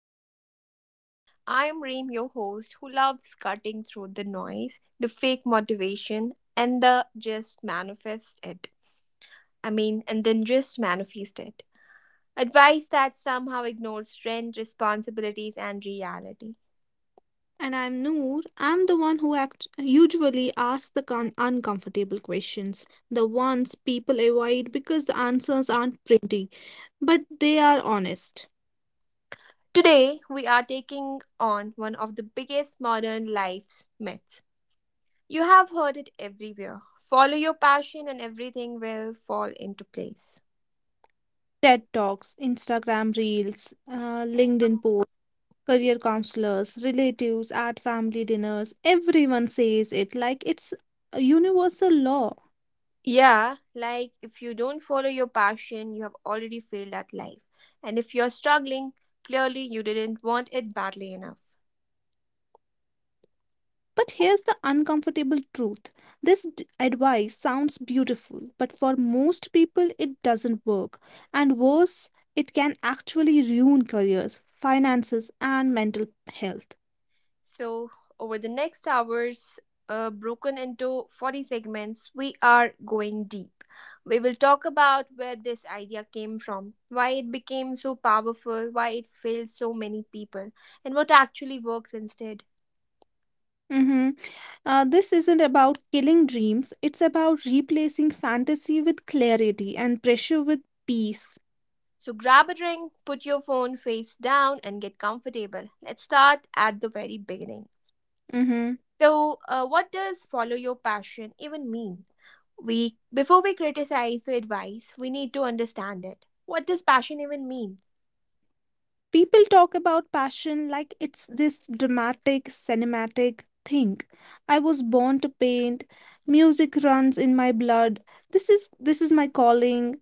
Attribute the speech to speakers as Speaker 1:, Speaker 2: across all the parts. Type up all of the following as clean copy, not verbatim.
Speaker 1: with Reem and Noor. I am Reem, your host, who loves cutting through the noise, the fake motivation, and the just manifest it. And then just manifest it. Advice that somehow ignores trend, responsibilities, and reality.
Speaker 2: And I'm Noor. I'm the one who usually asks the uncomfortable questions, the ones people avoid because the answers aren't pretty, but they are honest.
Speaker 1: Today, we are taking on one of the biggest modern life's myths. You have heard it everywhere. Follow your passion and everything will fall into place.
Speaker 2: TED Talks, Instagram Reels, LinkedIn posts, career counselors, relatives at family dinners, everyone says it like it's a universal law.
Speaker 1: Yeah, like if you don't follow your passion, you have already failed at life. And if you're struggling, clearly you didn't want it badly enough.
Speaker 2: But here's the uncomfortable truth, this advice sounds beautiful, but for most people it doesn't work. And worse, it can actually ruin careers, finances, and mental health.
Speaker 1: So, over the next hours, broken into 40 segments, we are going deep. We will talk about where this idea came from, why it became so powerful, why it failed so many people, and what actually works instead.
Speaker 2: Mhm. This isn't about killing dreams, it's about replacing fantasy with clarity and pressure with peace.
Speaker 1: So grab a drink, put your phone face down, and get comfortable. Let's start at the very beginning.
Speaker 2: Mm-hmm.
Speaker 1: So, what does follow your passion even mean? We Before we criticize the advice, we need to understand it. What does passion even mean?
Speaker 2: People talk about passion like it's this dramatic, cinematic thing. I was born to paint. Music runs in my blood. This is my calling.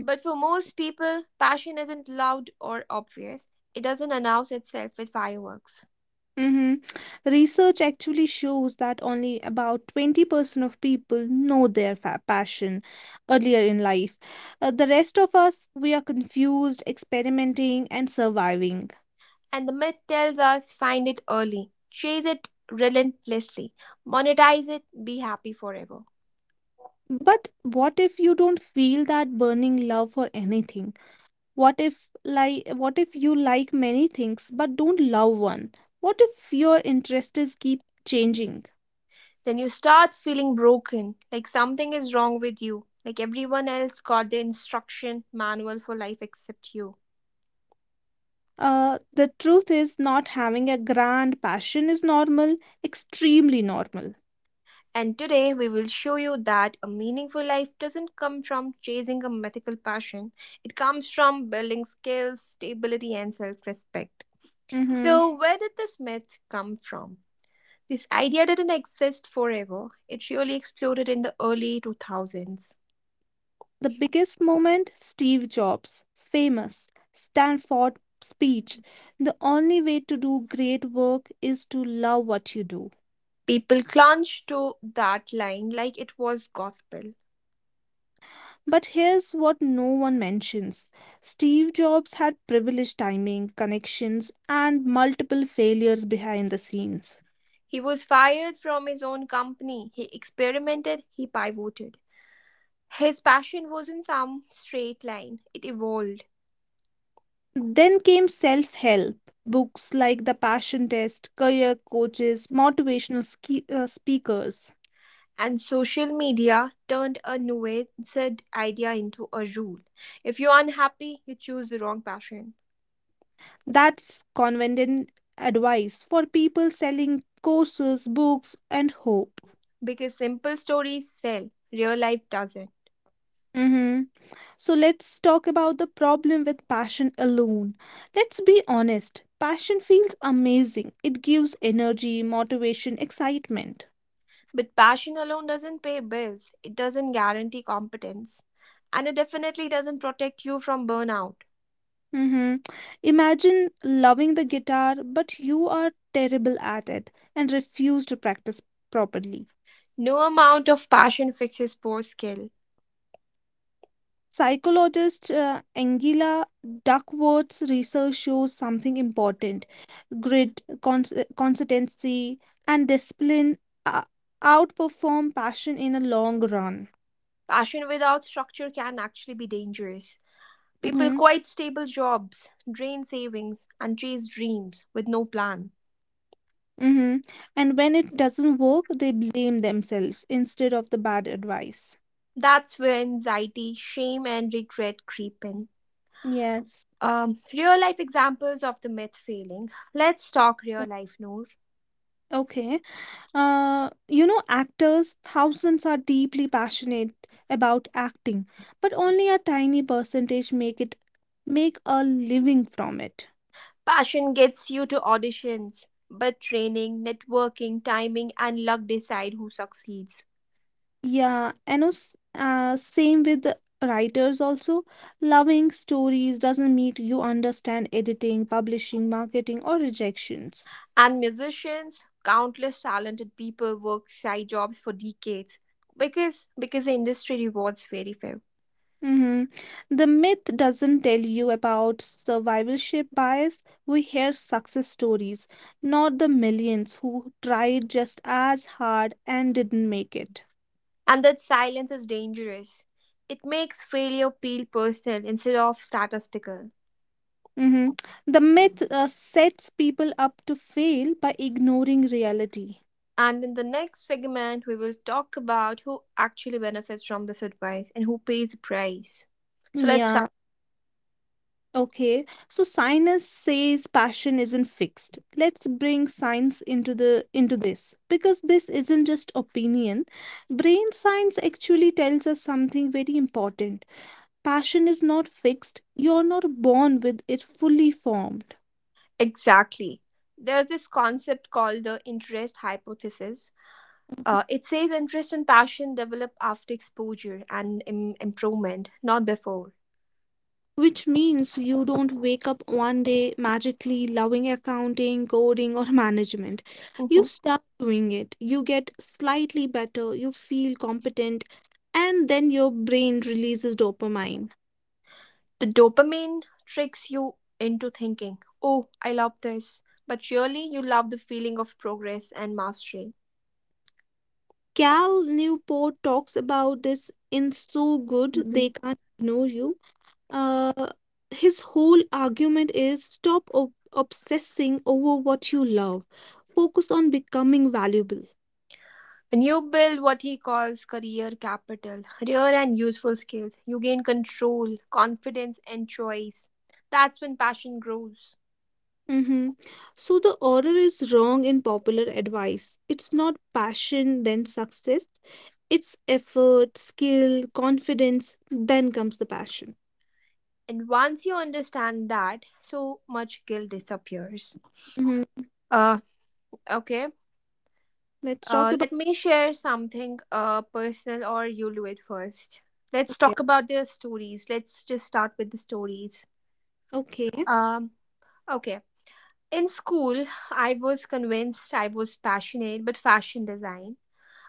Speaker 1: But for most people, passion isn't loud or obvious. It doesn't announce itself with fireworks.
Speaker 2: hmm Research actually shows that only about 20% of people know their passion earlier in life. The rest of us, we are confused, experimenting, and surviving.
Speaker 1: And the myth tells us find it early, chase it relentlessly, monetize it, be happy forever.
Speaker 2: But what if you don't feel that burning love for anything? What if what if you like many things but don't love one? What if your interests keep changing?
Speaker 1: Then you start feeling broken, like something is wrong with you, like everyone else got the instruction manual for life except you.
Speaker 2: The truth is, not having a grand passion is normal, extremely normal.
Speaker 1: And today we will show you that a meaningful life doesn't come from chasing a mythical passion, it comes from building skills, stability, and self respect.
Speaker 2: Mm-hmm.
Speaker 1: So, where did this myth come from? This idea didn't exist forever, it really exploded in the early 2000s.
Speaker 2: The biggest moment, Steve Jobs' famous Stanford speech. The only way to do great work is to love what you do.
Speaker 1: People clung to that line like it was gospel.
Speaker 2: But here's what no one mentions. Steve Jobs had privileged timing, connections, and multiple failures behind the scenes.
Speaker 1: He was fired from his own company, he experimented, he pivoted. His passion wasn't some straight line, it evolved.
Speaker 2: Then came self help books like The Passion Test, career coaches, motivational speakers.
Speaker 1: And social media turned a nuanced idea into a rule. If you're unhappy, you choose the wrong passion.
Speaker 2: That's convenient advice for people selling courses, books, and hope.
Speaker 1: Because simple stories sell, real life doesn't.
Speaker 2: Mhm. So let's talk about the problem with passion alone. Let's be honest, passion feels amazing. It gives energy, motivation, excitement.
Speaker 1: But passion alone doesn't pay bills, it doesn't guarantee competence. And it definitely doesn't protect you from burnout.
Speaker 2: Mhm. Imagine loving the guitar, but you are terrible at it and refuse to practice properly.
Speaker 1: No amount of passion fixes poor skill.
Speaker 2: Psychologist Angela Duckworth's research shows something important: grit, consistency, and discipline uh, outperform passion in the long run.
Speaker 1: Passion without structure can actually be dangerous. People
Speaker 2: Mm-hmm.
Speaker 1: quit stable jobs, drain savings, and chase dreams with no plan.
Speaker 2: Mm-hmm. And when it doesn't work, they blame themselves instead of the bad advice.
Speaker 1: That's where anxiety, shame, and regret creep in.
Speaker 2: Yes.
Speaker 1: Real life examples of the myth failing. Let's talk real life, Noor.
Speaker 2: Okay. You know, actors, thousands are deeply passionate about acting, but only a tiny percentage make a living from it.
Speaker 1: Passion gets you to auditions, but training, networking, timing, and luck decide who succeeds.
Speaker 2: Yeah, and same with the writers also. Loving stories doesn't mean you understand editing, publishing, marketing, or rejections.
Speaker 1: And musicians, countless talented people work side jobs for decades because the industry rewards very few.
Speaker 2: hmm The myth doesn't tell you about survivorship bias. We hear success stories, not the millions who tried just as hard and didn't make it.
Speaker 1: And that silence is dangerous. It makes failure feel personal instead of statistical.
Speaker 2: hmm The myth sets people up to fail by ignoring reality.
Speaker 1: And in the next segment, we will talk about who actually benefits from this advice and who pays the price. So let's start.
Speaker 2: Yeah. Okay, so science says passion isn't fixed. Let's bring science into this, because this isn't just opinion. Brain science actually tells us something very important. Passion is not fixed. You're not born with it fully formed.
Speaker 1: Exactly. There's this concept called the interest hypothesis. It says interest and passion develop after exposure and improvement, not before.
Speaker 2: Which means you don't wake up one day magically loving accounting, coding, or management. You
Speaker 1: Mhm.
Speaker 2: start doing it. You get slightly better. You feel competent. And then your brain releases dopamine.
Speaker 1: The dopamine tricks you into thinking, oh, I love this. But really, you love the feeling of progress and mastery.
Speaker 2: Cal Newport talks about this in So Good
Speaker 1: Mhm.
Speaker 2: They Can't Ignore You. Uh, his whole argument is, stop obsessing over what you love, focus on becoming valuable.
Speaker 1: When you build what he calls career capital, rare and useful skills, you gain control, confidence, and choice. That's when passion grows.
Speaker 2: Mm-hmm. So the order is wrong in popular advice. It's not passion, then success. It's effort, skill, confidence, then comes the passion.
Speaker 1: And once you understand that, so much guilt disappears.
Speaker 2: Mm-hmm.
Speaker 1: Uh, okay
Speaker 2: Let's talk
Speaker 1: Let
Speaker 2: about,
Speaker 1: me share something personal, or you do it first. Let's
Speaker 2: okay.
Speaker 1: talk about the stories. Let's just start with the stories.
Speaker 2: Okay.
Speaker 1: Um, okay. In school, I was convinced I was passionate but fashion design.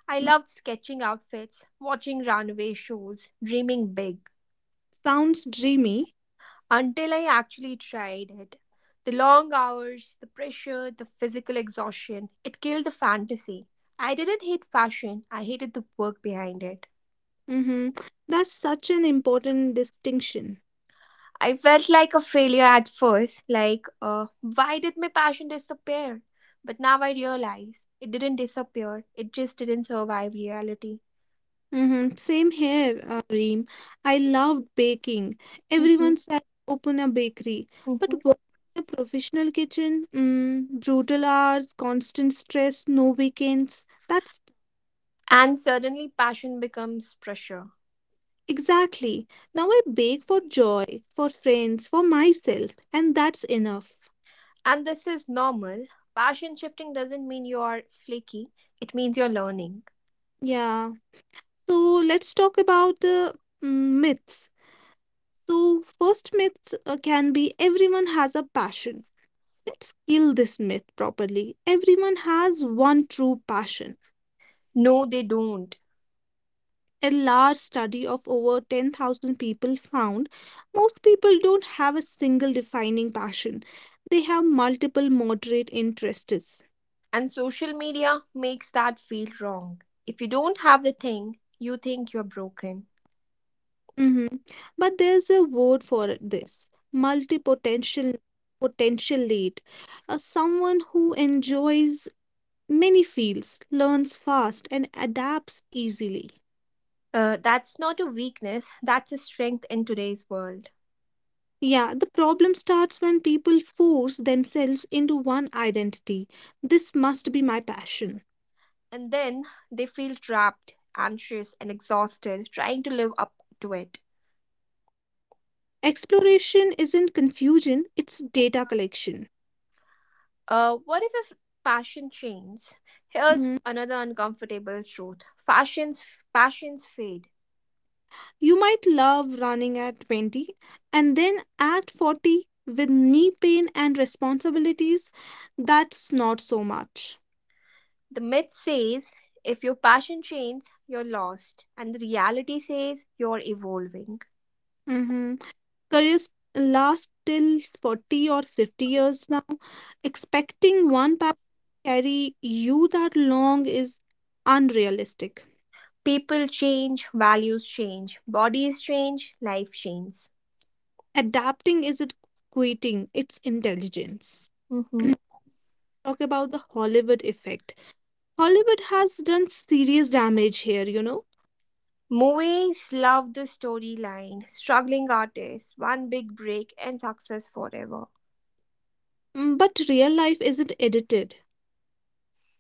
Speaker 1: I loved sketching outfits, watching runway shows, dreaming big
Speaker 2: Sounds dreamy.
Speaker 1: until I actually tried it. The long hours, the pressure, the physical exhaustion, it killed the fantasy. I didn't hate fashion, I hated the work behind it.
Speaker 2: Mm-hmm. That's such an important distinction.
Speaker 1: I felt like a failure at first, like, why did my passion disappear? But now I realize it didn't disappear, it just didn't survive reality.
Speaker 2: Mm-hmm. Same here, Reem. I loved baking.
Speaker 1: Mhm,
Speaker 2: Everyone said open a bakery, but
Speaker 1: mhm.
Speaker 2: working in a professional kitchen, brutal hours, constant stress, no weekends. That's
Speaker 1: And suddenly, passion becomes pressure.
Speaker 2: exactly. Now I bake for joy, for friends, for myself, and that's enough.
Speaker 1: And this is normal. Passion shifting doesn't mean you're flaky, it means you're learning.
Speaker 2: Yeah. So let's talk about the myths. So first myth can be, everyone has a passion. Let's kill this myth properly. Everyone has one true passion.
Speaker 1: No, they don't.
Speaker 2: A large study of over 10,000 people found most people don't have a single defining passion, they have multiple moderate interests.
Speaker 1: And social media makes that feel wrong. If you don't have the thing, you think you're broken.
Speaker 2: Mhm. But there's a word for this, multipotential potential someone who enjoys many fields, learns fast, and adapts easily.
Speaker 1: That's not a weakness, that's a strength in today's world.
Speaker 2: Yeah, the problem starts when people force themselves into one identity. This must be my passion.
Speaker 1: And then they feel trapped, anxious, and exhausted trying to live up to it.
Speaker 2: Exploration isn't confusion, it's data collection.
Speaker 1: What if passion changes? Here's
Speaker 2: Mhm.
Speaker 1: another uncomfortable truth. Fashions Passions fade.
Speaker 2: You might love running at 20, and then at 40 with knee pain and responsibilities, that's not so much.
Speaker 1: The myth says if your passion changes, you're lost, and the reality says you're evolving.
Speaker 2: Careers last till 40 or 50 years now. Expecting one passion to carry you that long is unrealistic.
Speaker 1: People change, values change, bodies change, life changes.
Speaker 2: Adapting isn't quitting, it's intelligence.
Speaker 1: Mhm.
Speaker 2: Talk about the Hollywood effect. Hollywood has done serious damage here, you know.
Speaker 1: Movies love the storyline, struggling artist, one big break, and success forever.
Speaker 2: Mm, but real life isn't edited.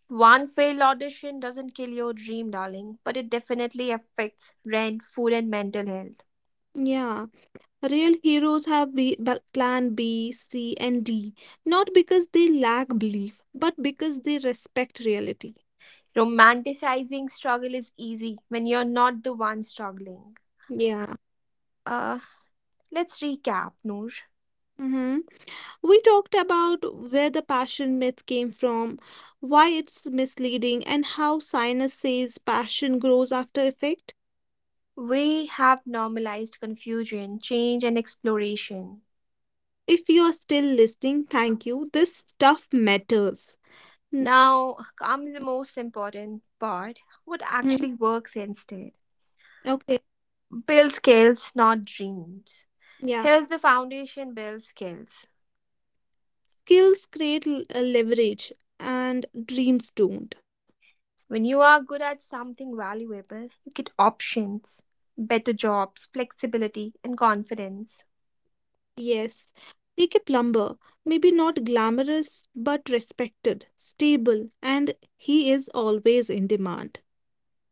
Speaker 1: One failed audition doesn't kill your dream, darling, but it definitely affects rent, food, and mental health.
Speaker 2: Yeah, real heroes have plan B, C, and D, not because they lack belief, but because they respect reality.
Speaker 1: Romanticizing struggle is easy when you're not the one struggling.
Speaker 2: Yeah.
Speaker 1: Uh, let's recap, Noor.
Speaker 2: hmm We talked about where the passion myth came from, why it's misleading, and how science says passion grows after effect.
Speaker 1: We have normalized confusion, change, and exploration.
Speaker 2: If you are still listening, thank you. This stuff matters. hmm
Speaker 1: Now comes the most important part: what actually works instead.
Speaker 2: Okay.
Speaker 1: Build skills, not dreams.
Speaker 2: Yeah.
Speaker 1: Here's the foundation: build skills.
Speaker 2: Skills create leverage, and dreams don't.
Speaker 1: When you are good at something valuable, you get options, better jobs, flexibility, and confidence.
Speaker 2: Yes. Take a plumber, maybe not glamorous, but respected, stable, and he is always in demand.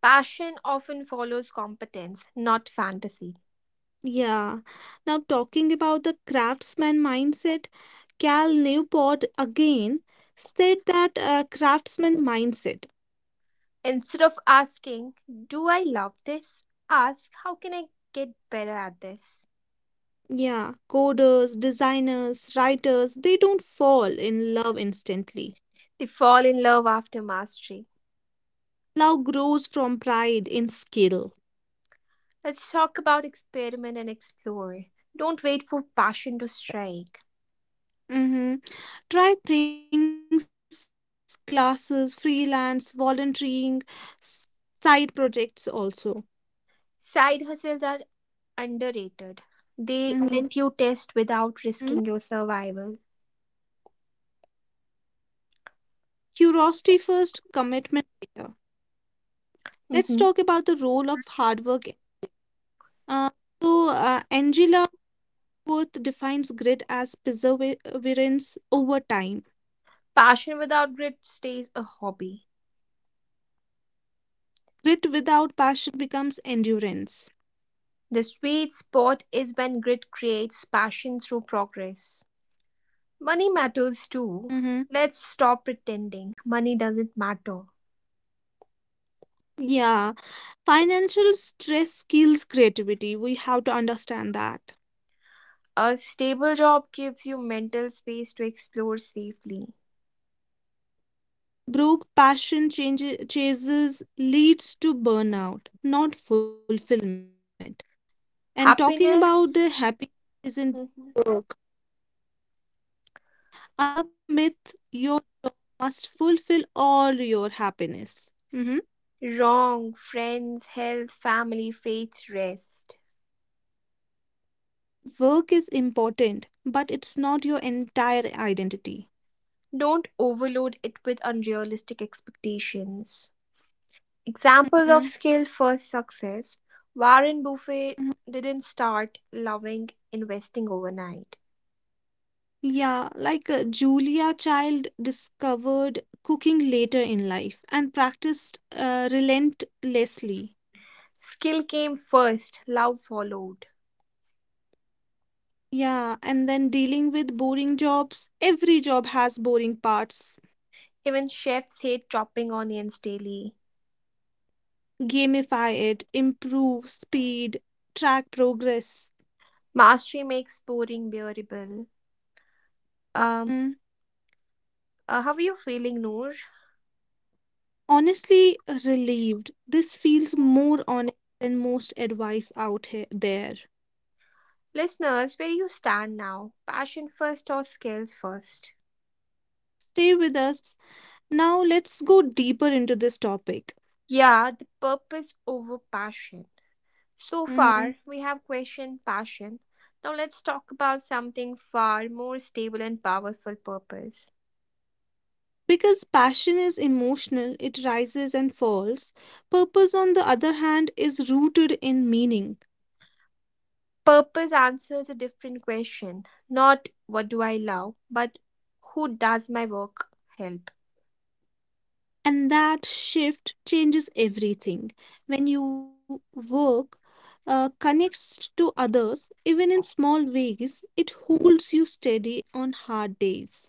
Speaker 1: Passion often follows competence, not fantasy.
Speaker 2: Yeah. Now, talking about the craftsman mindset, Cal Newport again said that craftsman mindset.
Speaker 1: Instead of asking, Do I love this? Ask, How can I get better at this?
Speaker 2: Yeah, coders, designers, writers, they don't fall in love instantly.
Speaker 1: They fall in love after mastery.
Speaker 2: Love grows from pride in skill.
Speaker 1: Let's talk about experiment and explore. Don't wait for passion to strike.
Speaker 2: hmm Try things, classes, freelance, volunteering, s- side projects also.
Speaker 1: Side hustles are underrated. They let
Speaker 2: hmm
Speaker 1: you test without risking your survival.
Speaker 2: Curiosity first, commitment later. Let's
Speaker 1: Mhm.
Speaker 2: talk about the role of hard work. Uh, so, Angela Worth defines grit as perseverance over time.
Speaker 1: Passion without grit stays a hobby.
Speaker 2: Grit without passion becomes endurance.
Speaker 1: The sweet spot is when grit creates passion through progress. Money matters too.
Speaker 2: Mm-hmm.
Speaker 1: Let's stop pretending money doesn't matter.
Speaker 2: Yeah. Financial stress kills creativity. We have to understand that.
Speaker 1: A stable job gives you mental space to explore safely.
Speaker 2: Broke passion changes, chases leads to burnout, not fulfillment. And talking about the
Speaker 1: Happiness,
Speaker 2: happiness isn't
Speaker 1: Mhm.
Speaker 2: work. Another myth, your job must fulfill all your happiness. Mhm.
Speaker 1: wrong, friends, health, family, faith, rest.
Speaker 2: Work is important, but it's not your entire identity.
Speaker 1: Don't overload it with unrealistic expectations. Examples of
Speaker 2: Mhm,
Speaker 1: skill first success. Warren Buffett
Speaker 2: mhm.
Speaker 1: didn't start loving investing overnight.
Speaker 2: Yeah, like Julia Child discovered cooking later in life and practiced relentlessly.
Speaker 1: Skill came first, love followed.
Speaker 2: Yeah, and then dealing with boring jobs. Every job has boring parts.
Speaker 1: Even chefs hate chopping onions daily.
Speaker 2: Gamify it, improve speed, track progress.
Speaker 1: Mastery makes boring bearable. Um, how are you feeling, Noor?
Speaker 2: Honestly, relieved. This feels more honest than most advice out here there.
Speaker 1: Listeners, where do you stand now? Passion first or skills first?
Speaker 2: Stay with us. Now let's go deeper into this topic.
Speaker 1: Yeah, the purpose over passion. So
Speaker 2: Mhm.
Speaker 1: far, we have questioned passion. Now let's talk about something far more stable and powerful: purpose.
Speaker 2: Because passion is emotional, it rises and falls. Purpose, on the other hand, is rooted in meaning.
Speaker 1: Purpose answers a different question: not what do I love, but who does my work help?
Speaker 2: And that shift changes everything. When you work connects to others, even in small ways, it holds you steady on hard days.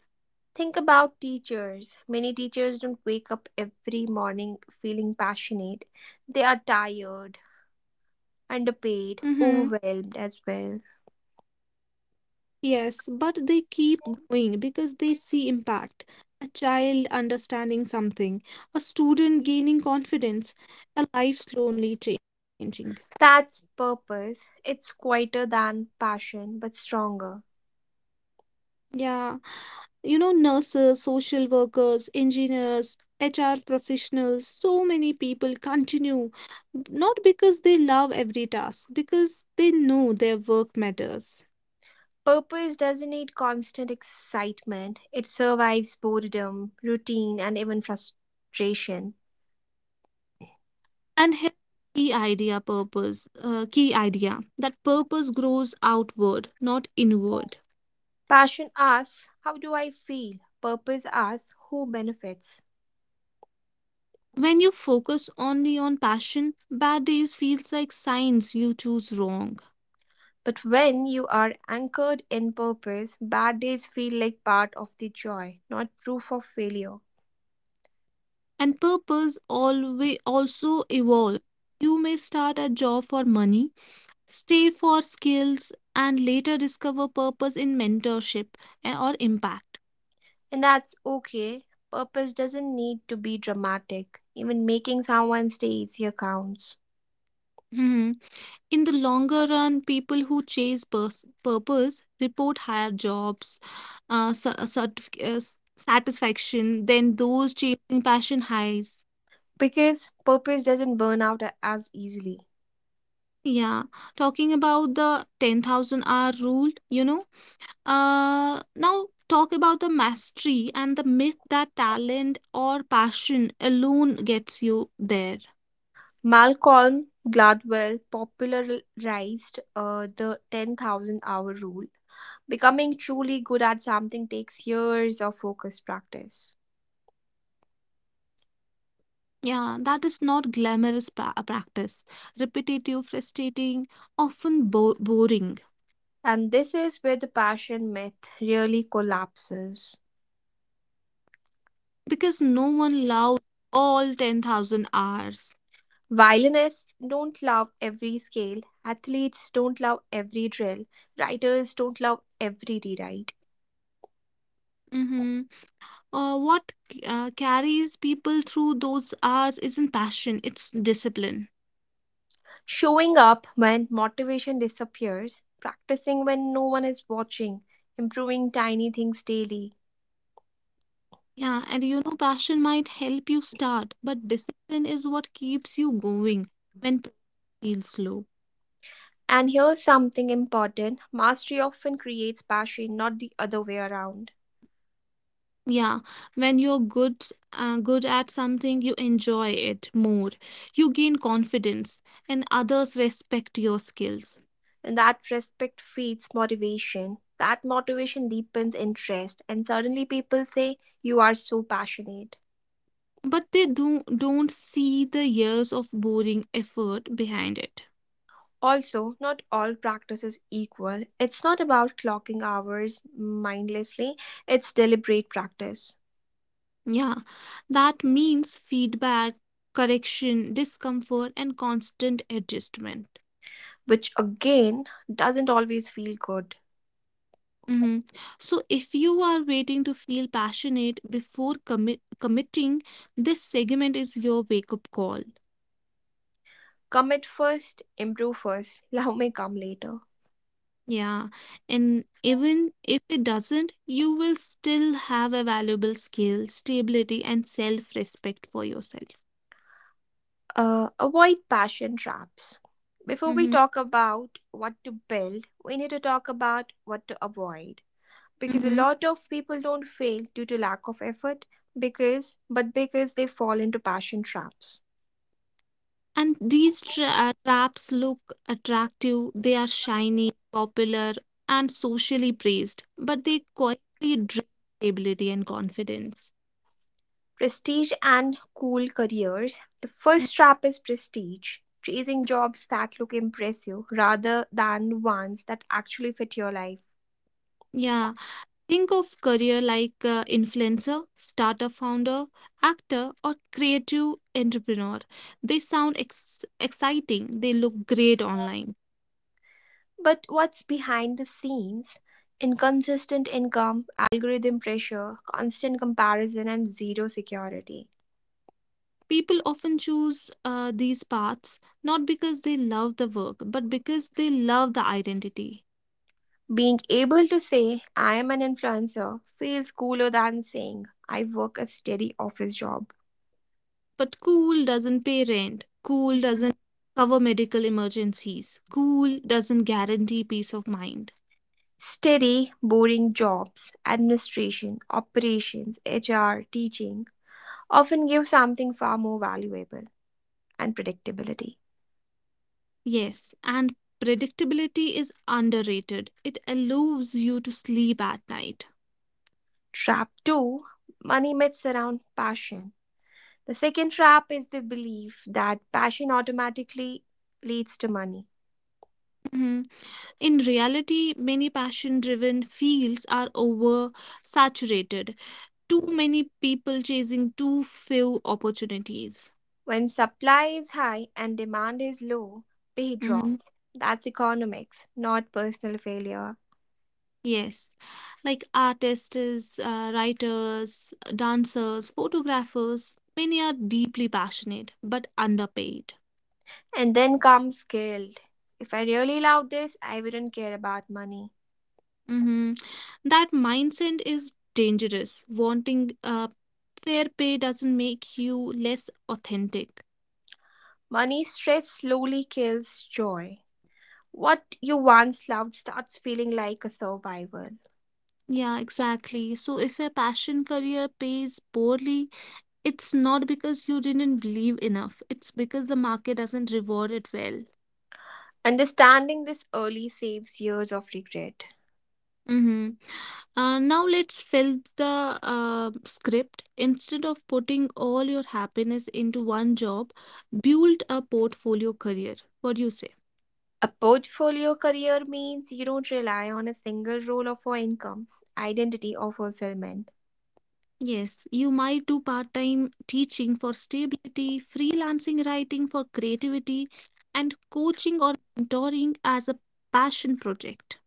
Speaker 1: Think about teachers. Many teachers don't wake up every morning feeling passionate, they are tired, underpaid,
Speaker 2: Mhm.
Speaker 1: overwhelmed as well.
Speaker 2: Yes, but they keep going because they see impact. A child understanding something, a student gaining confidence, a life slowly changing.
Speaker 1: That's purpose. It's quieter than passion, but stronger.
Speaker 2: Yeah, you know, nurses, social workers, engineers, HR professionals, so many people continue not because they love every task, because they know their work matters.
Speaker 1: Purpose doesn't need constant excitement, it survives boredom, routine, and even frustration.
Speaker 2: And here, key idea, that purpose grows outward, not inward.
Speaker 1: Passion asks, How do I feel? Purpose asks, Who benefits?
Speaker 2: When you focus only on passion, bad days feels like signs you choose wrong.
Speaker 1: But when you are anchored in purpose, bad days feel like part of the joy, not proof of failure.
Speaker 2: And purpose always also evolve. You may start a job for money, stay for skills, and later discover purpose in mentorship and- or impact.
Speaker 1: And that's okay. Purpose doesn't need to be dramatic. Even making someone stay easier counts.
Speaker 2: Mhm. In the longer run, people who chase purpose report higher jobs, uh, sa- certific- uh, s- satisfaction than those chasing passion highs.
Speaker 1: Because purpose doesn't burn out as easily.
Speaker 2: Yeah, talking about the 10,000 hour rule, you know. Now talk about the mastery and the myth that talent or passion alone gets you there.
Speaker 1: Malcolm Gladwell popularized the 10,000-hour rule. Becoming truly good at something takes years of focused practice.
Speaker 2: Yeah, that is not glamorous practice. Repetitive, frustrating, often boring,
Speaker 1: And this is where the passion myth really collapses.
Speaker 2: because no one loves all 10,000 hours.
Speaker 1: Violinists don't love every scale, athletes don't love every drill, writers don't love every rewrite.
Speaker 2: Mm-hmm. What carries people through those hours isn't passion, it's discipline.
Speaker 1: Showing up when motivation disappears, practicing when no one is watching, improving tiny things daily.
Speaker 2: Yeah, and you know, passion might help you start, but discipline is what keeps you going when progress feels slow.
Speaker 1: And here's something important: mastery often creates passion, not the other way around.
Speaker 2: Yeah, when you're good at something, you enjoy it more. You gain confidence, and others respect your skills.
Speaker 1: And that respect feeds motivation. That motivation deepens interest, and suddenly people say, You are so passionate.
Speaker 2: But they do, don't see the years of boring effort behind it.
Speaker 1: Also, not all practice is equal. It's not about clocking hours mindlessly, it's deliberate practice,
Speaker 2: Yeah, that means feedback, correction, discomfort, and constant adjustment.
Speaker 1: which again doesn't always feel good.
Speaker 2: hmm So, if you are waiting to feel passionate before committing, this segment is your wake up call.
Speaker 1: Commit first, improve first, love may come later.
Speaker 2: Yeah. And even if it doesn't, you will still have a valuable skill, stability, and self respect for yourself.
Speaker 1: Avoid passion traps. Before we
Speaker 2: hmm
Speaker 1: talk about what to build, we need to talk about what to avoid. Because a
Speaker 2: hmm
Speaker 1: lot of people don't fail due to lack of effort, because but because they fall into passion traps.
Speaker 2: And these traps look attractive, they are shiny, popular, and socially praised, but they quietly drain stability and confidence.
Speaker 1: Prestige and cool careers. The
Speaker 2: Mm.
Speaker 1: first trap is prestige, chasing jobs that look impressive rather than ones that actually fit your life.
Speaker 2: Yeah. Think of career like influencer, startup founder, actor, or creative entrepreneur. They sound exciting. They look great online.
Speaker 1: But what's behind the scenes? Inconsistent income, algorithm pressure, constant comparison, and zero security.
Speaker 2: People often choose these paths not because they love the work, but because they love the identity.
Speaker 1: Being able to say, I am an influencer, feels cooler than saying, I work a steady office job.
Speaker 2: But cool doesn't pay rent. Cool
Speaker 1: Mhm.
Speaker 2: doesn't cover medical emergencies. Cool doesn't guarantee peace of mind.
Speaker 1: Steady, boring jobs, administration, operations, HR, teaching often give something far more valuable and predictability.
Speaker 2: Yes, and predictability is underrated. It allows you to sleep at night.
Speaker 1: Trap 2: Money myths around passion. The second trap is the belief that passion automatically leads to money.
Speaker 2: Mhm. In reality, many passion driven fields are oversaturated. Too many people chasing too few opportunities.
Speaker 1: When supply is high and demand is low, pay
Speaker 2: Mhm.
Speaker 1: drops. That's economics, not personal failure.
Speaker 2: Yes, like artists, writers, dancers, photographers, many are deeply passionate but underpaid.
Speaker 1: And then comes guilt. If I really love this, I wouldn't care about money.
Speaker 2: Mm-hmm. That mindset is dangerous. Wanting fair pay doesn't make you less authentic.
Speaker 1: Money stress slowly kills joy. What you once loved starts feeling like a survival.
Speaker 2: Yeah, exactly. So if a passion career pays poorly, it's not because you didn't believe enough. It's because the market doesn't reward it well.
Speaker 1: Understanding this early saves years of regret.
Speaker 2: Mm-hmm. Now let's fill the script. Instead of putting all your happiness into one job, build a portfolio career. What do you say?
Speaker 1: A portfolio career means you don't rely on a single role of for income, identity, or fulfillment.
Speaker 2: Yes, you might do part time teaching for stability, freelancing writing for creativity, and coaching or mentoring as a passion project.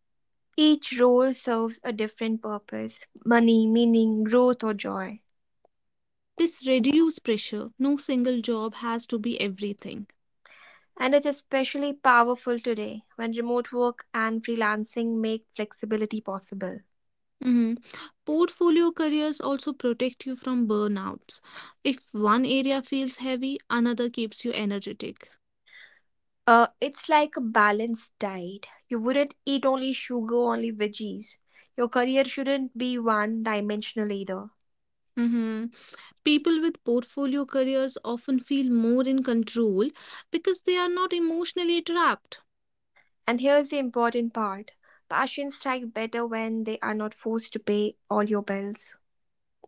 Speaker 1: Each role serves a different purpose: money, meaning, growth, or joy.
Speaker 2: This reduces pressure. No single job has to be everything.
Speaker 1: And it's especially powerful today when remote work and freelancing make flexibility possible.
Speaker 2: Mhm. Portfolio careers also protect you from burnouts. If one area feels heavy, another keeps you energetic.
Speaker 1: It's like a balanced diet. You wouldn't eat only sugar, only veggies. Your career shouldn't be one dimensional either.
Speaker 2: Mhm. People with portfolio careers often feel more in control because they are not emotionally trapped.
Speaker 1: And here's the important part: passions strike better when they are not forced to pay all your bills.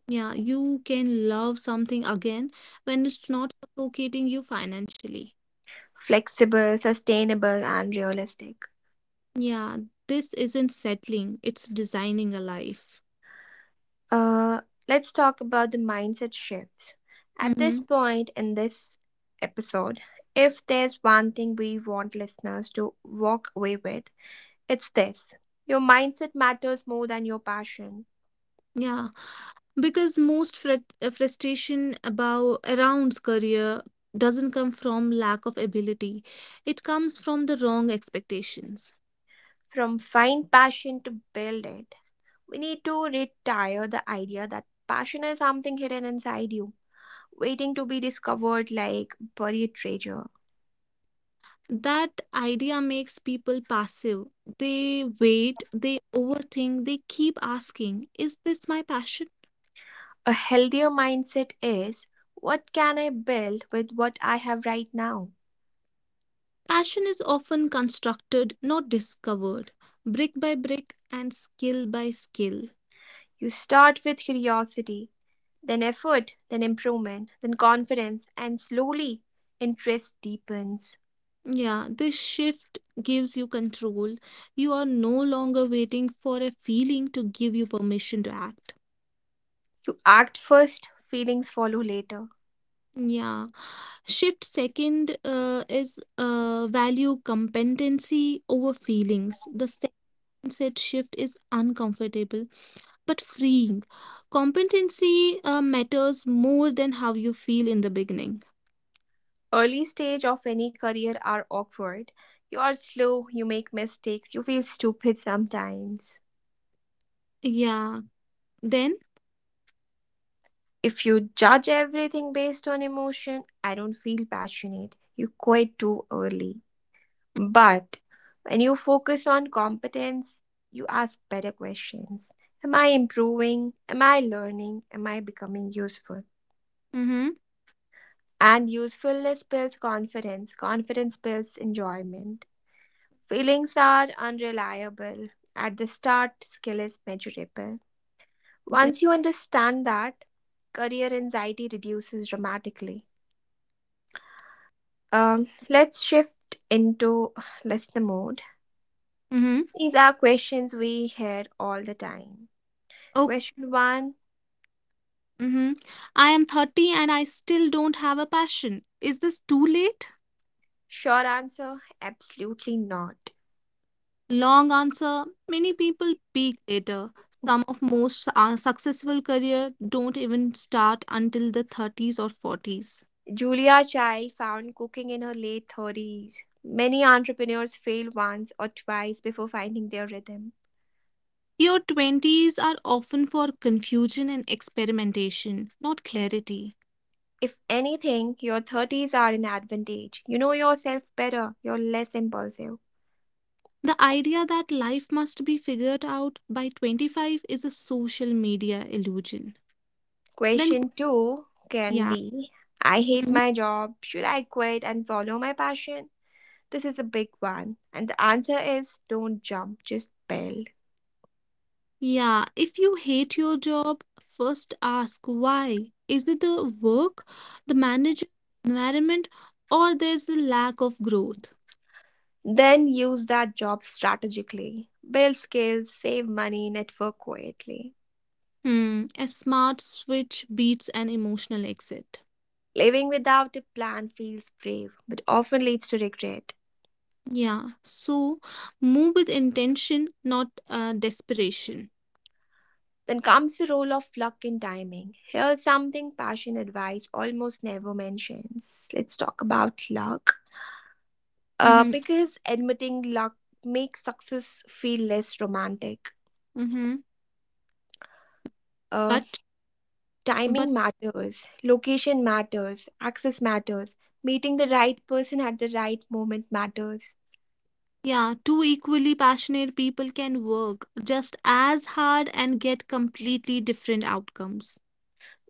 Speaker 2: Yeah, you can love something again when it's not suffocating you financially.
Speaker 1: Flexible, sustainable, and realistic.
Speaker 2: Yeah, this isn't settling, it's designing a life.
Speaker 1: Uh, let's talk about the mindset shifts. At this
Speaker 2: Hmm.
Speaker 1: point in this episode, if there's one thing we want listeners to walk away with, it's this: your mindset matters more than your passion.
Speaker 2: Yeah, because most frustration about around career doesn't come from lack of ability. It comes from the wrong expectations.
Speaker 1: From find passion to build it, we need to retire the idea that passion is something hidden inside you, waiting to be discovered like buried treasure.
Speaker 2: That idea makes people passive. They wait, they overthink, they keep asking, is this my passion?
Speaker 1: A healthier mindset is, what can I build with what I have right now?
Speaker 2: Passion is often constructed, not discovered, brick by brick and skill by skill.
Speaker 1: You start with curiosity, then effort, then improvement, then confidence, and slowly interest deepens.
Speaker 2: Yeah, this shift gives you control. You are no longer waiting for a feeling to give you permission to act.
Speaker 1: You act first, feelings follow later.
Speaker 2: Yeah, shift second is value competency over feelings. The second set shift is uncomfortable but freeing. Competency matters more than how you feel in the beginning.
Speaker 1: Early stage of any career are awkward. You are slow, you make mistakes, you feel stupid sometimes.
Speaker 2: Yeah. Then?
Speaker 1: If you judge everything based on emotion, I don't feel passionate. You quit too early. But when you focus on competence, you ask better questions. Am I improving? Am I learning? Am I becoming useful?
Speaker 2: Mm-hmm.
Speaker 1: And usefulness builds confidence. Confidence builds enjoyment. Feelings are unreliable. At the start, skill is measurable.
Speaker 2: Then?
Speaker 1: Once you understand that, career anxiety reduces dramatically. Let's shift into listener mode.
Speaker 2: Mm-hmm.
Speaker 1: These are questions we hear all the time.
Speaker 2: Okay.
Speaker 1: Question one.
Speaker 2: Mm-hmm. I am 30 and I still don't have a passion. Is this too late?
Speaker 1: Sure answer? Absolutely not.
Speaker 2: Long answer. Many people peak later. Some of most successful career don't even start until the 30s or 40s.
Speaker 1: Julia Child found cooking in her late 30s. Many entrepreneurs fail once or twice before finding their rhythm.
Speaker 2: Your 20s are often for confusion and experimentation, not clarity.
Speaker 1: If anything, your 30s are an advantage. You know yourself better, you're less impulsive.
Speaker 2: The idea that life must be figured out by 25 is a social media illusion. Then,
Speaker 1: Question two can
Speaker 2: yeah.
Speaker 1: be, I hate
Speaker 2: Mm-hmm.
Speaker 1: my job. Should I quit and follow my passion? This is a big one. And the answer is, don't jump, just build.
Speaker 2: Yeah, if you hate your job, first ask why. Is it the work, the manager, environment, or there's a lack of growth?
Speaker 1: Then use that job strategically. Build skills, save money, network quietly.
Speaker 2: Hmm, a smart switch beats an emotional exit.
Speaker 1: Living without a plan feels brave, but often leads to regret.
Speaker 2: Yeah, so move with intention, not desperation.
Speaker 1: Then comes the role of luck and timing. Here's something passion advice almost never mentions. Let's talk about luck.
Speaker 2: Mm-hmm,
Speaker 1: Because admitting luck makes success feel less romantic.
Speaker 2: mm-hmm.
Speaker 1: Uh,
Speaker 2: But, but
Speaker 1: Timing matters, location matters, access matters, meeting the right person at the right moment matters.
Speaker 2: yeah, two equally passionate people can work just as hard and get completely different outcomes.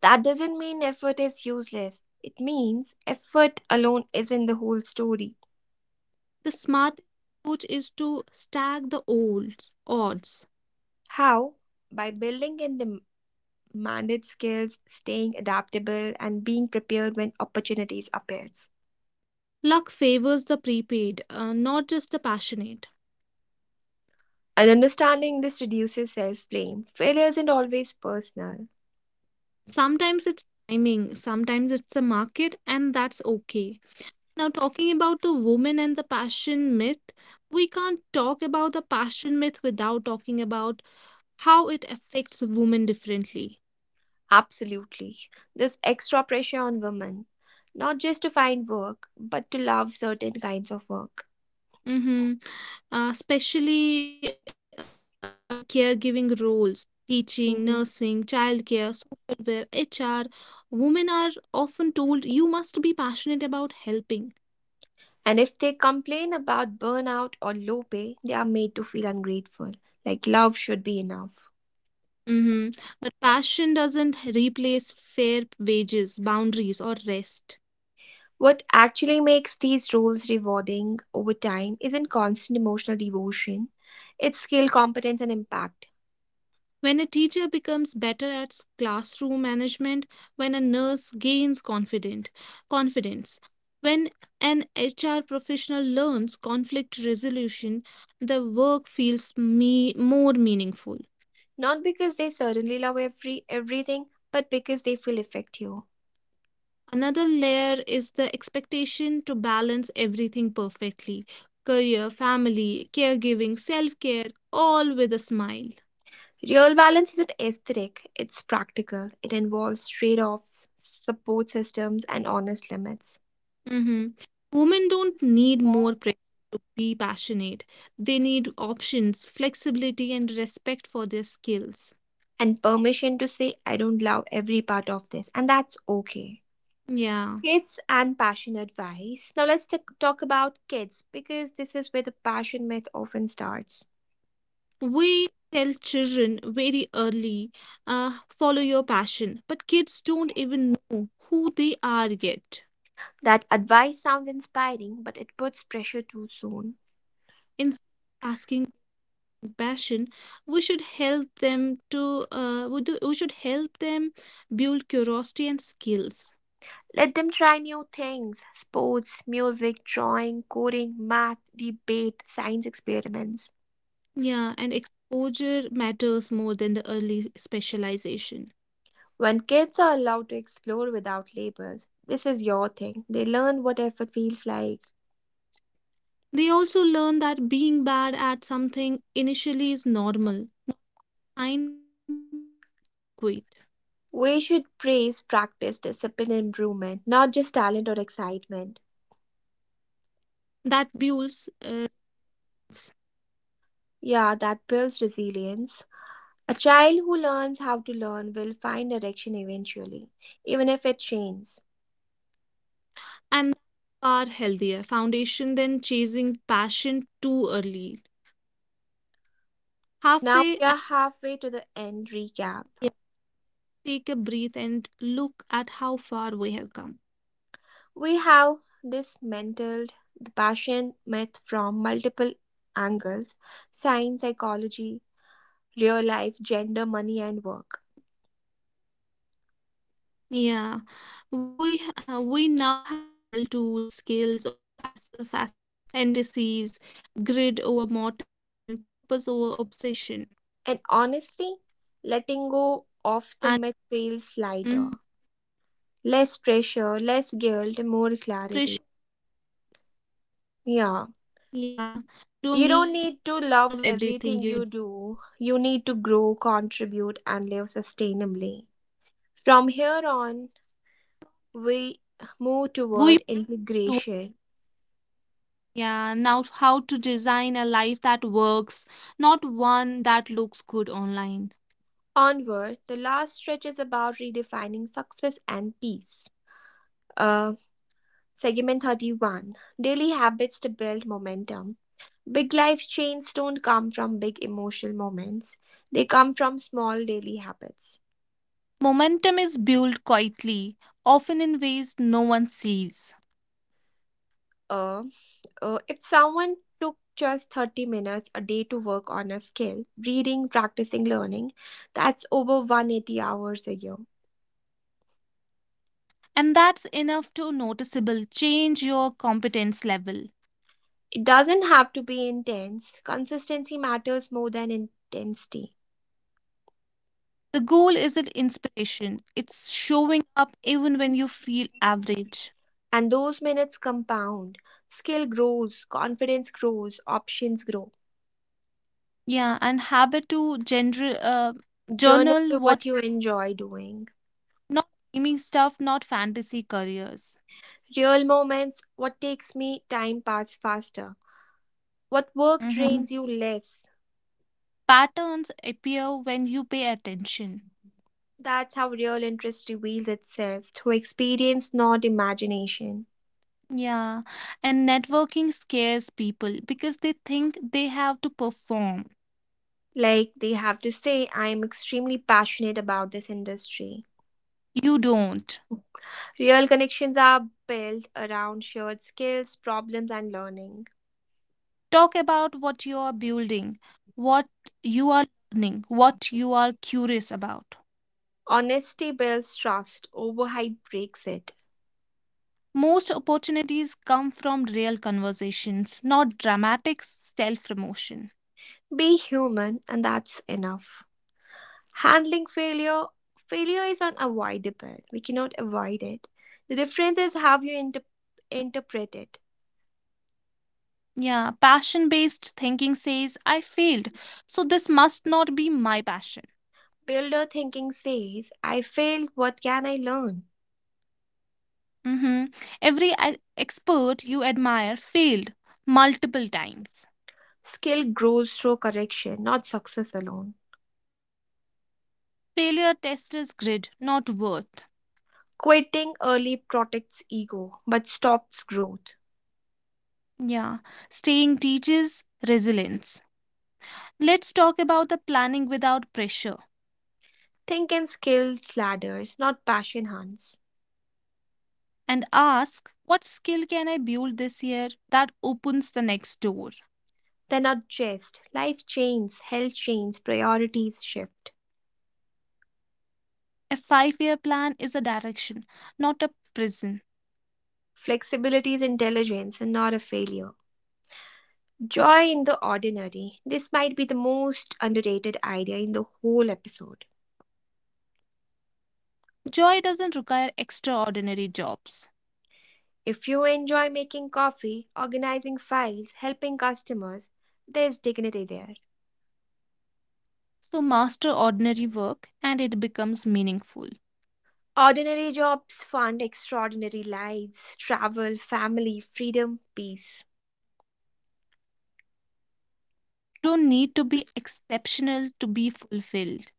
Speaker 1: That doesn't mean effort is useless. It means effort alone isn't the whole story.
Speaker 2: The smart approach is to stack the olds, odds.
Speaker 1: How? By building and manage skills, staying adaptable, and being prepared when opportunities appears.
Speaker 2: Luck favors the prepaid, not just the passionate.
Speaker 1: And understanding this reduces self-blame. Failure isn't always personal.
Speaker 2: Sometimes it's timing, sometimes it's the market, and that's okay. Now, talking about the woman and the passion myth, we can't talk about the passion myth without talking about how it affects women differently.
Speaker 1: Absolutely. There's extra pressure on women, not just to find work, but to love certain kinds of work.
Speaker 2: Mm-hmm. Especially caregiving roles, teaching, nursing,
Speaker 1: Mhm.
Speaker 2: childcare, social care, HR, women are often told you must be passionate about helping.
Speaker 1: And if they complain about burnout or low pay, they are made to feel ungrateful, like love should be enough.
Speaker 2: Mm-hmm. But passion doesn't replace fair wages, boundaries, or rest.
Speaker 1: What actually makes these roles rewarding over time isn't constant emotional devotion. It's skill, competence, and impact.
Speaker 2: When a teacher becomes better at classroom management, when a nurse gains confident confidence, when an HR professional learns conflict resolution, the work feels more meaningful.
Speaker 1: Not because they suddenly love everything, but because they feel effective.
Speaker 2: Another layer is the expectation to balance everything perfectly career, family, caregiving, self care, all with a smile.
Speaker 1: Real balance isn't aesthetic, it's practical. It involves trade-offs, support systems, and honest limits.
Speaker 2: Mm-hmm. Women don't need more pressure to be passionate. They need options, flexibility, and respect for their skills.
Speaker 1: And permission to say, I don't love every part of this, and that's okay.
Speaker 2: Yeah.
Speaker 1: Kids and passion advice. Now let's talk about kids because this is where the passion myth often starts.
Speaker 2: We tell children very early, follow your passion, but kids don't even know who they are yet.
Speaker 1: That advice sounds inspiring, but it puts pressure too soon.
Speaker 2: Instead of asking passion, we should help them to we should help them build curiosity and skills.
Speaker 1: Let them try new things: sports, music, drawing, coding, math, debate, science experiments.
Speaker 2: Yeah, and exposure matters more than the early specialization.
Speaker 1: When kids are allowed to explore without labels, this is your thing. They learn what effort feels like.
Speaker 2: They also learn that being bad at something initially is normal, not a sign to quit.
Speaker 1: We should praise practice, discipline, and improvement, not just talent or excitement.
Speaker 2: That builds
Speaker 1: Yeah, that builds resilience. A child who learns how to learn will find direction eventually, even if it changes.
Speaker 2: and far healthier foundation than chasing passion too early.
Speaker 1: Now
Speaker 2: Halfway
Speaker 1: we are halfway to the end recap.
Speaker 2: and take a breath and look at how far we have come.
Speaker 1: We have dismantled the passion myth from multiple angles: science, psychology, real life, gender, money, and work.
Speaker 2: Yeah, we now have real tools, skills over fast fantasies, grid over motivation, purpose over obsession,
Speaker 1: And honestly,
Speaker 2: and
Speaker 1: letting go of
Speaker 2: mhm.
Speaker 1: the myth feels lighter. Less
Speaker 2: Less
Speaker 1: pressure, less
Speaker 2: pressure.
Speaker 1: guilt, and more clarity.
Speaker 2: Yeah,
Speaker 1: Yeah.
Speaker 2: you don't need to
Speaker 1: You
Speaker 2: love
Speaker 1: don't need to
Speaker 2: everything you
Speaker 1: love
Speaker 2: do.
Speaker 1: everything you do. You need to grow, contribute, and live sustainably. From here on, we move
Speaker 2: We
Speaker 1: toward
Speaker 2: do.
Speaker 1: integration.
Speaker 2: Yeah, now how to design a life that works, not one that looks good online.
Speaker 1: Onward, the last stretch is about redefining success and peace. Uh, Segment 31. Daily Habits to Build Momentum. Big life changes don't come from big emotional moments, they come from small daily habits.
Speaker 2: Momentum is built quietly, often in ways no one sees.
Speaker 1: A. If someone took just 30 minutes a day to work on a skill, reading, practicing, learning, that's over 180 hours a year.
Speaker 2: And that's enough to noticeable change your competence level.
Speaker 1: It doesn't have to be intense. Consistency matters more than intensity.
Speaker 2: The goal isn't inspiration, it's showing up even when you feel average.
Speaker 1: And those minutes compound. Skill grows, confidence grows, options grow.
Speaker 2: Yeah, and habit to general
Speaker 1: Journal
Speaker 2: journal
Speaker 1: what
Speaker 2: what
Speaker 1: you enjoy doing.
Speaker 2: not dreaming stuff, not fantasy careers.
Speaker 1: Real moments, what takes me, time pass faster. What work
Speaker 2: Mhm.
Speaker 1: drains you less?
Speaker 2: Patterns appear when you pay attention.
Speaker 1: That's how real interest reveals itself through experience, not imagination.
Speaker 2: Yeah, and networking scares people because they think they have to perform.
Speaker 1: Like they have to say, I am extremely passionate about this industry.
Speaker 2: You don't.
Speaker 1: Real connections are built around shared skills, problems, and learning.
Speaker 2: Talk about what you are building, what you are learning, what you are curious about.
Speaker 1: Honesty builds trust, overhype breaks it.
Speaker 2: Most opportunities come from real conversations, not dramatic self promotion.
Speaker 1: Be human, and that's enough. Handling failure. Failure is unavoidable, we cannot avoid it. The difference is how you interpret it.
Speaker 2: Yeah, passion based thinking says, I failed, so this must not be my passion.
Speaker 1: Builder thinking says, I failed, what can I learn?
Speaker 2: Hmm. Every expert you admire failed multiple times.
Speaker 1: Skill grows through correction, not success alone.
Speaker 2: Failure tests grit, not worth.
Speaker 1: Quitting early protects ego, but stops growth.
Speaker 2: Yeah, staying teaches resilience. Let's talk about the planning without pressure
Speaker 1: Think in skills ladders, not passion hunts.
Speaker 2: and ask what skill can I build this year that opens the next door?
Speaker 1: They're not just. Life changes, health changes, priorities shift.
Speaker 2: A 5 year plan is a direction, not a prison.
Speaker 1: Flexibility is intelligence and not a failure. Joy in the ordinary. This might be the most underrated idea in the whole episode.
Speaker 2: Joy doesn't require extraordinary jobs.
Speaker 1: If you enjoy making coffee, organizing files, helping customers, there's dignity there.
Speaker 2: So master ordinary work and it becomes meaningful.
Speaker 1: Ordinary jobs fund extraordinary lives: travel, family, freedom, peace.
Speaker 2: You don't need to be exceptional to be fulfilled.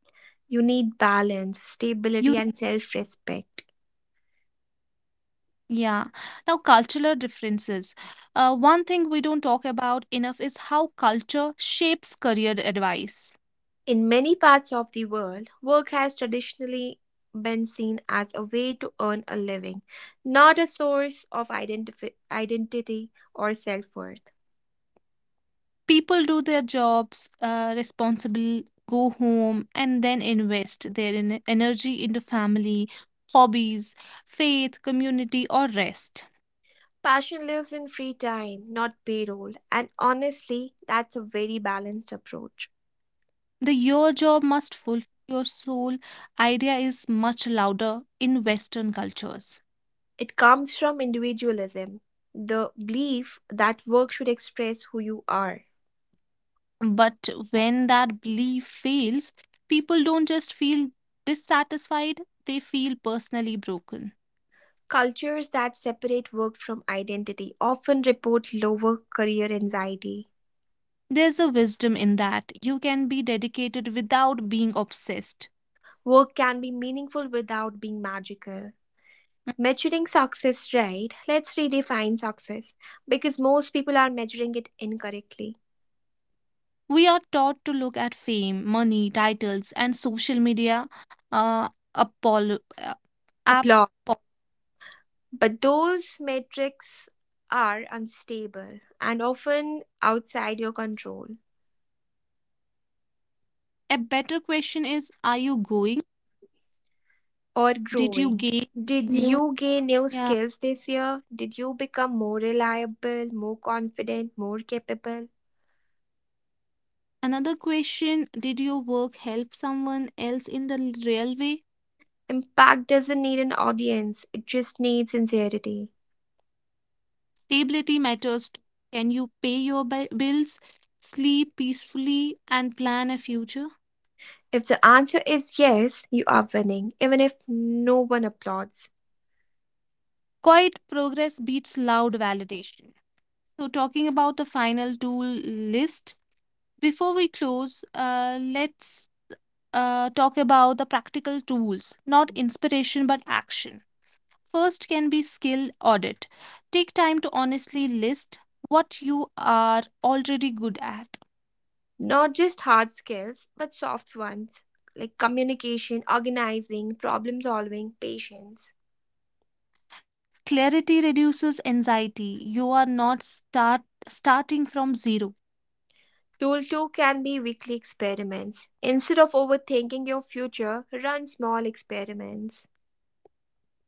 Speaker 1: You need balance, stability,
Speaker 2: You.
Speaker 1: and self respect.
Speaker 2: Yeah. Now, cultural differences. One thing we don't talk about enough is how culture shapes career advice.
Speaker 1: In many parts of the world, work has traditionally been seen as a way to earn a living, not a source of identity or self worth.
Speaker 2: People do their jobs, responsible, go home, and then invest their energy into family, hobbies, faith, community, or rest.
Speaker 1: Passion lives in free time, not payroll, and honestly, that's a very balanced approach.
Speaker 2: The your job must fulfill your soul idea is much louder in Western cultures.
Speaker 1: It comes from individualism, the belief that work should express who you are.
Speaker 2: But when that belief fails, people don't just feel dissatisfied, they feel personally broken.
Speaker 1: Cultures that separate work from identity often report lower career anxiety.
Speaker 2: There's a wisdom in that. You can be dedicated without being obsessed.
Speaker 1: Work can be meaningful without being magical. Measuring success right, let's redefine success because most people are measuring it incorrectly.
Speaker 2: We are taught to look at fame, money, titles, and social media. Uh, apolo- uh, ap-
Speaker 1: Applause.
Speaker 2: a
Speaker 1: But those metrics are unstable and often outside your control
Speaker 2: better question is, are you going? Did you
Speaker 1: or
Speaker 2: gain
Speaker 1: growing.
Speaker 2: new?
Speaker 1: Did you
Speaker 2: Yeah.
Speaker 1: gain new skills this year? Did you become more reliable, more confident, more capable?
Speaker 2: Another question, did your work help someone else in the real way?
Speaker 1: Impact doesn't need an audience, it just needs sincerity.
Speaker 2: Stability matters too. Can you pay your bills, sleep peacefully, and plan a future?
Speaker 1: If the answer is yes, you are winning, even if no one applauds.
Speaker 2: Quiet progress beats loud validation. So, talking about the final tool list, before we close, let's talk about the practical tools, not inspiration but action. First can be skill audit. Take time to honestly list what you are already good at.
Speaker 1: Not just hard skills, but soft ones like communication, organizing, problem solving, patience.
Speaker 2: Clarity reduces anxiety. You are not starting from zero.
Speaker 1: Tool two can be weekly experiments. Instead of overthinking your future, run small experiments.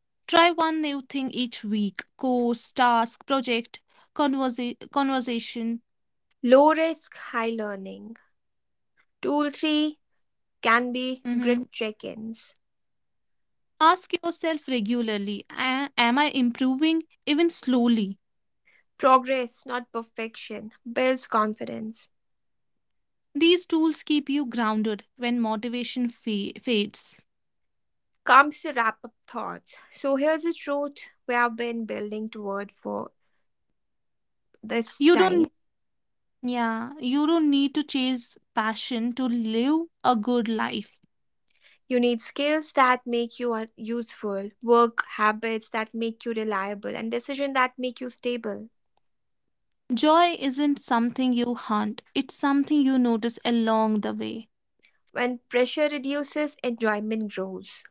Speaker 2: Try one new thing each week. Course, task, project, conversation.
Speaker 1: Low risk, high learning. Tool three can be
Speaker 2: Mhm.
Speaker 1: grid check ins.
Speaker 2: Ask yourself regularly, "Am I improving even slowly?"
Speaker 1: Progress, not perfection, builds confidence.
Speaker 2: These tools keep you grounded when motivation fades.
Speaker 1: Comes the wrap up thoughts. So here's the truth we have been building toward for this
Speaker 2: You
Speaker 1: time.
Speaker 2: don't yeah, you don't need to chase passion to live a good life.
Speaker 1: You need skills that make you useful, work habits that make you reliable, and decisions that make you stable.
Speaker 2: Joy isn't something you hunt, it's something you notice along the way.
Speaker 1: When pressure reduces, enjoyment grows.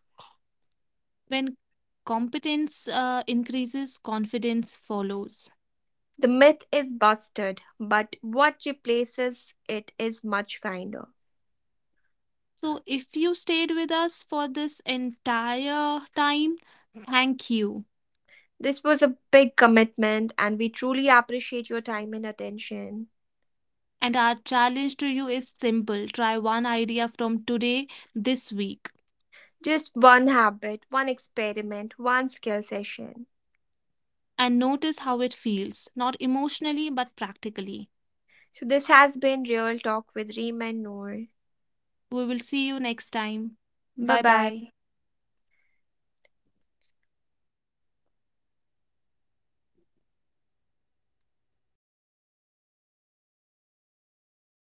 Speaker 2: When competence increases, confidence follows.
Speaker 1: The myth is busted, but what replaces it is much kinder.
Speaker 2: So, if you stayed with us for this entire time, thank you.
Speaker 1: This was a big commitment, and we truly appreciate your time and attention.
Speaker 2: And our challenge to you is simple try one idea from today, this week,
Speaker 1: Just one habit, one experiment, one skill session.
Speaker 2: and notice how it feels, not emotionally, but practically.
Speaker 1: So, this has been Real Talk with Reem and Noor.
Speaker 2: We will see you next time.
Speaker 1: Bye
Speaker 2: Bye bye.
Speaker 1: bye.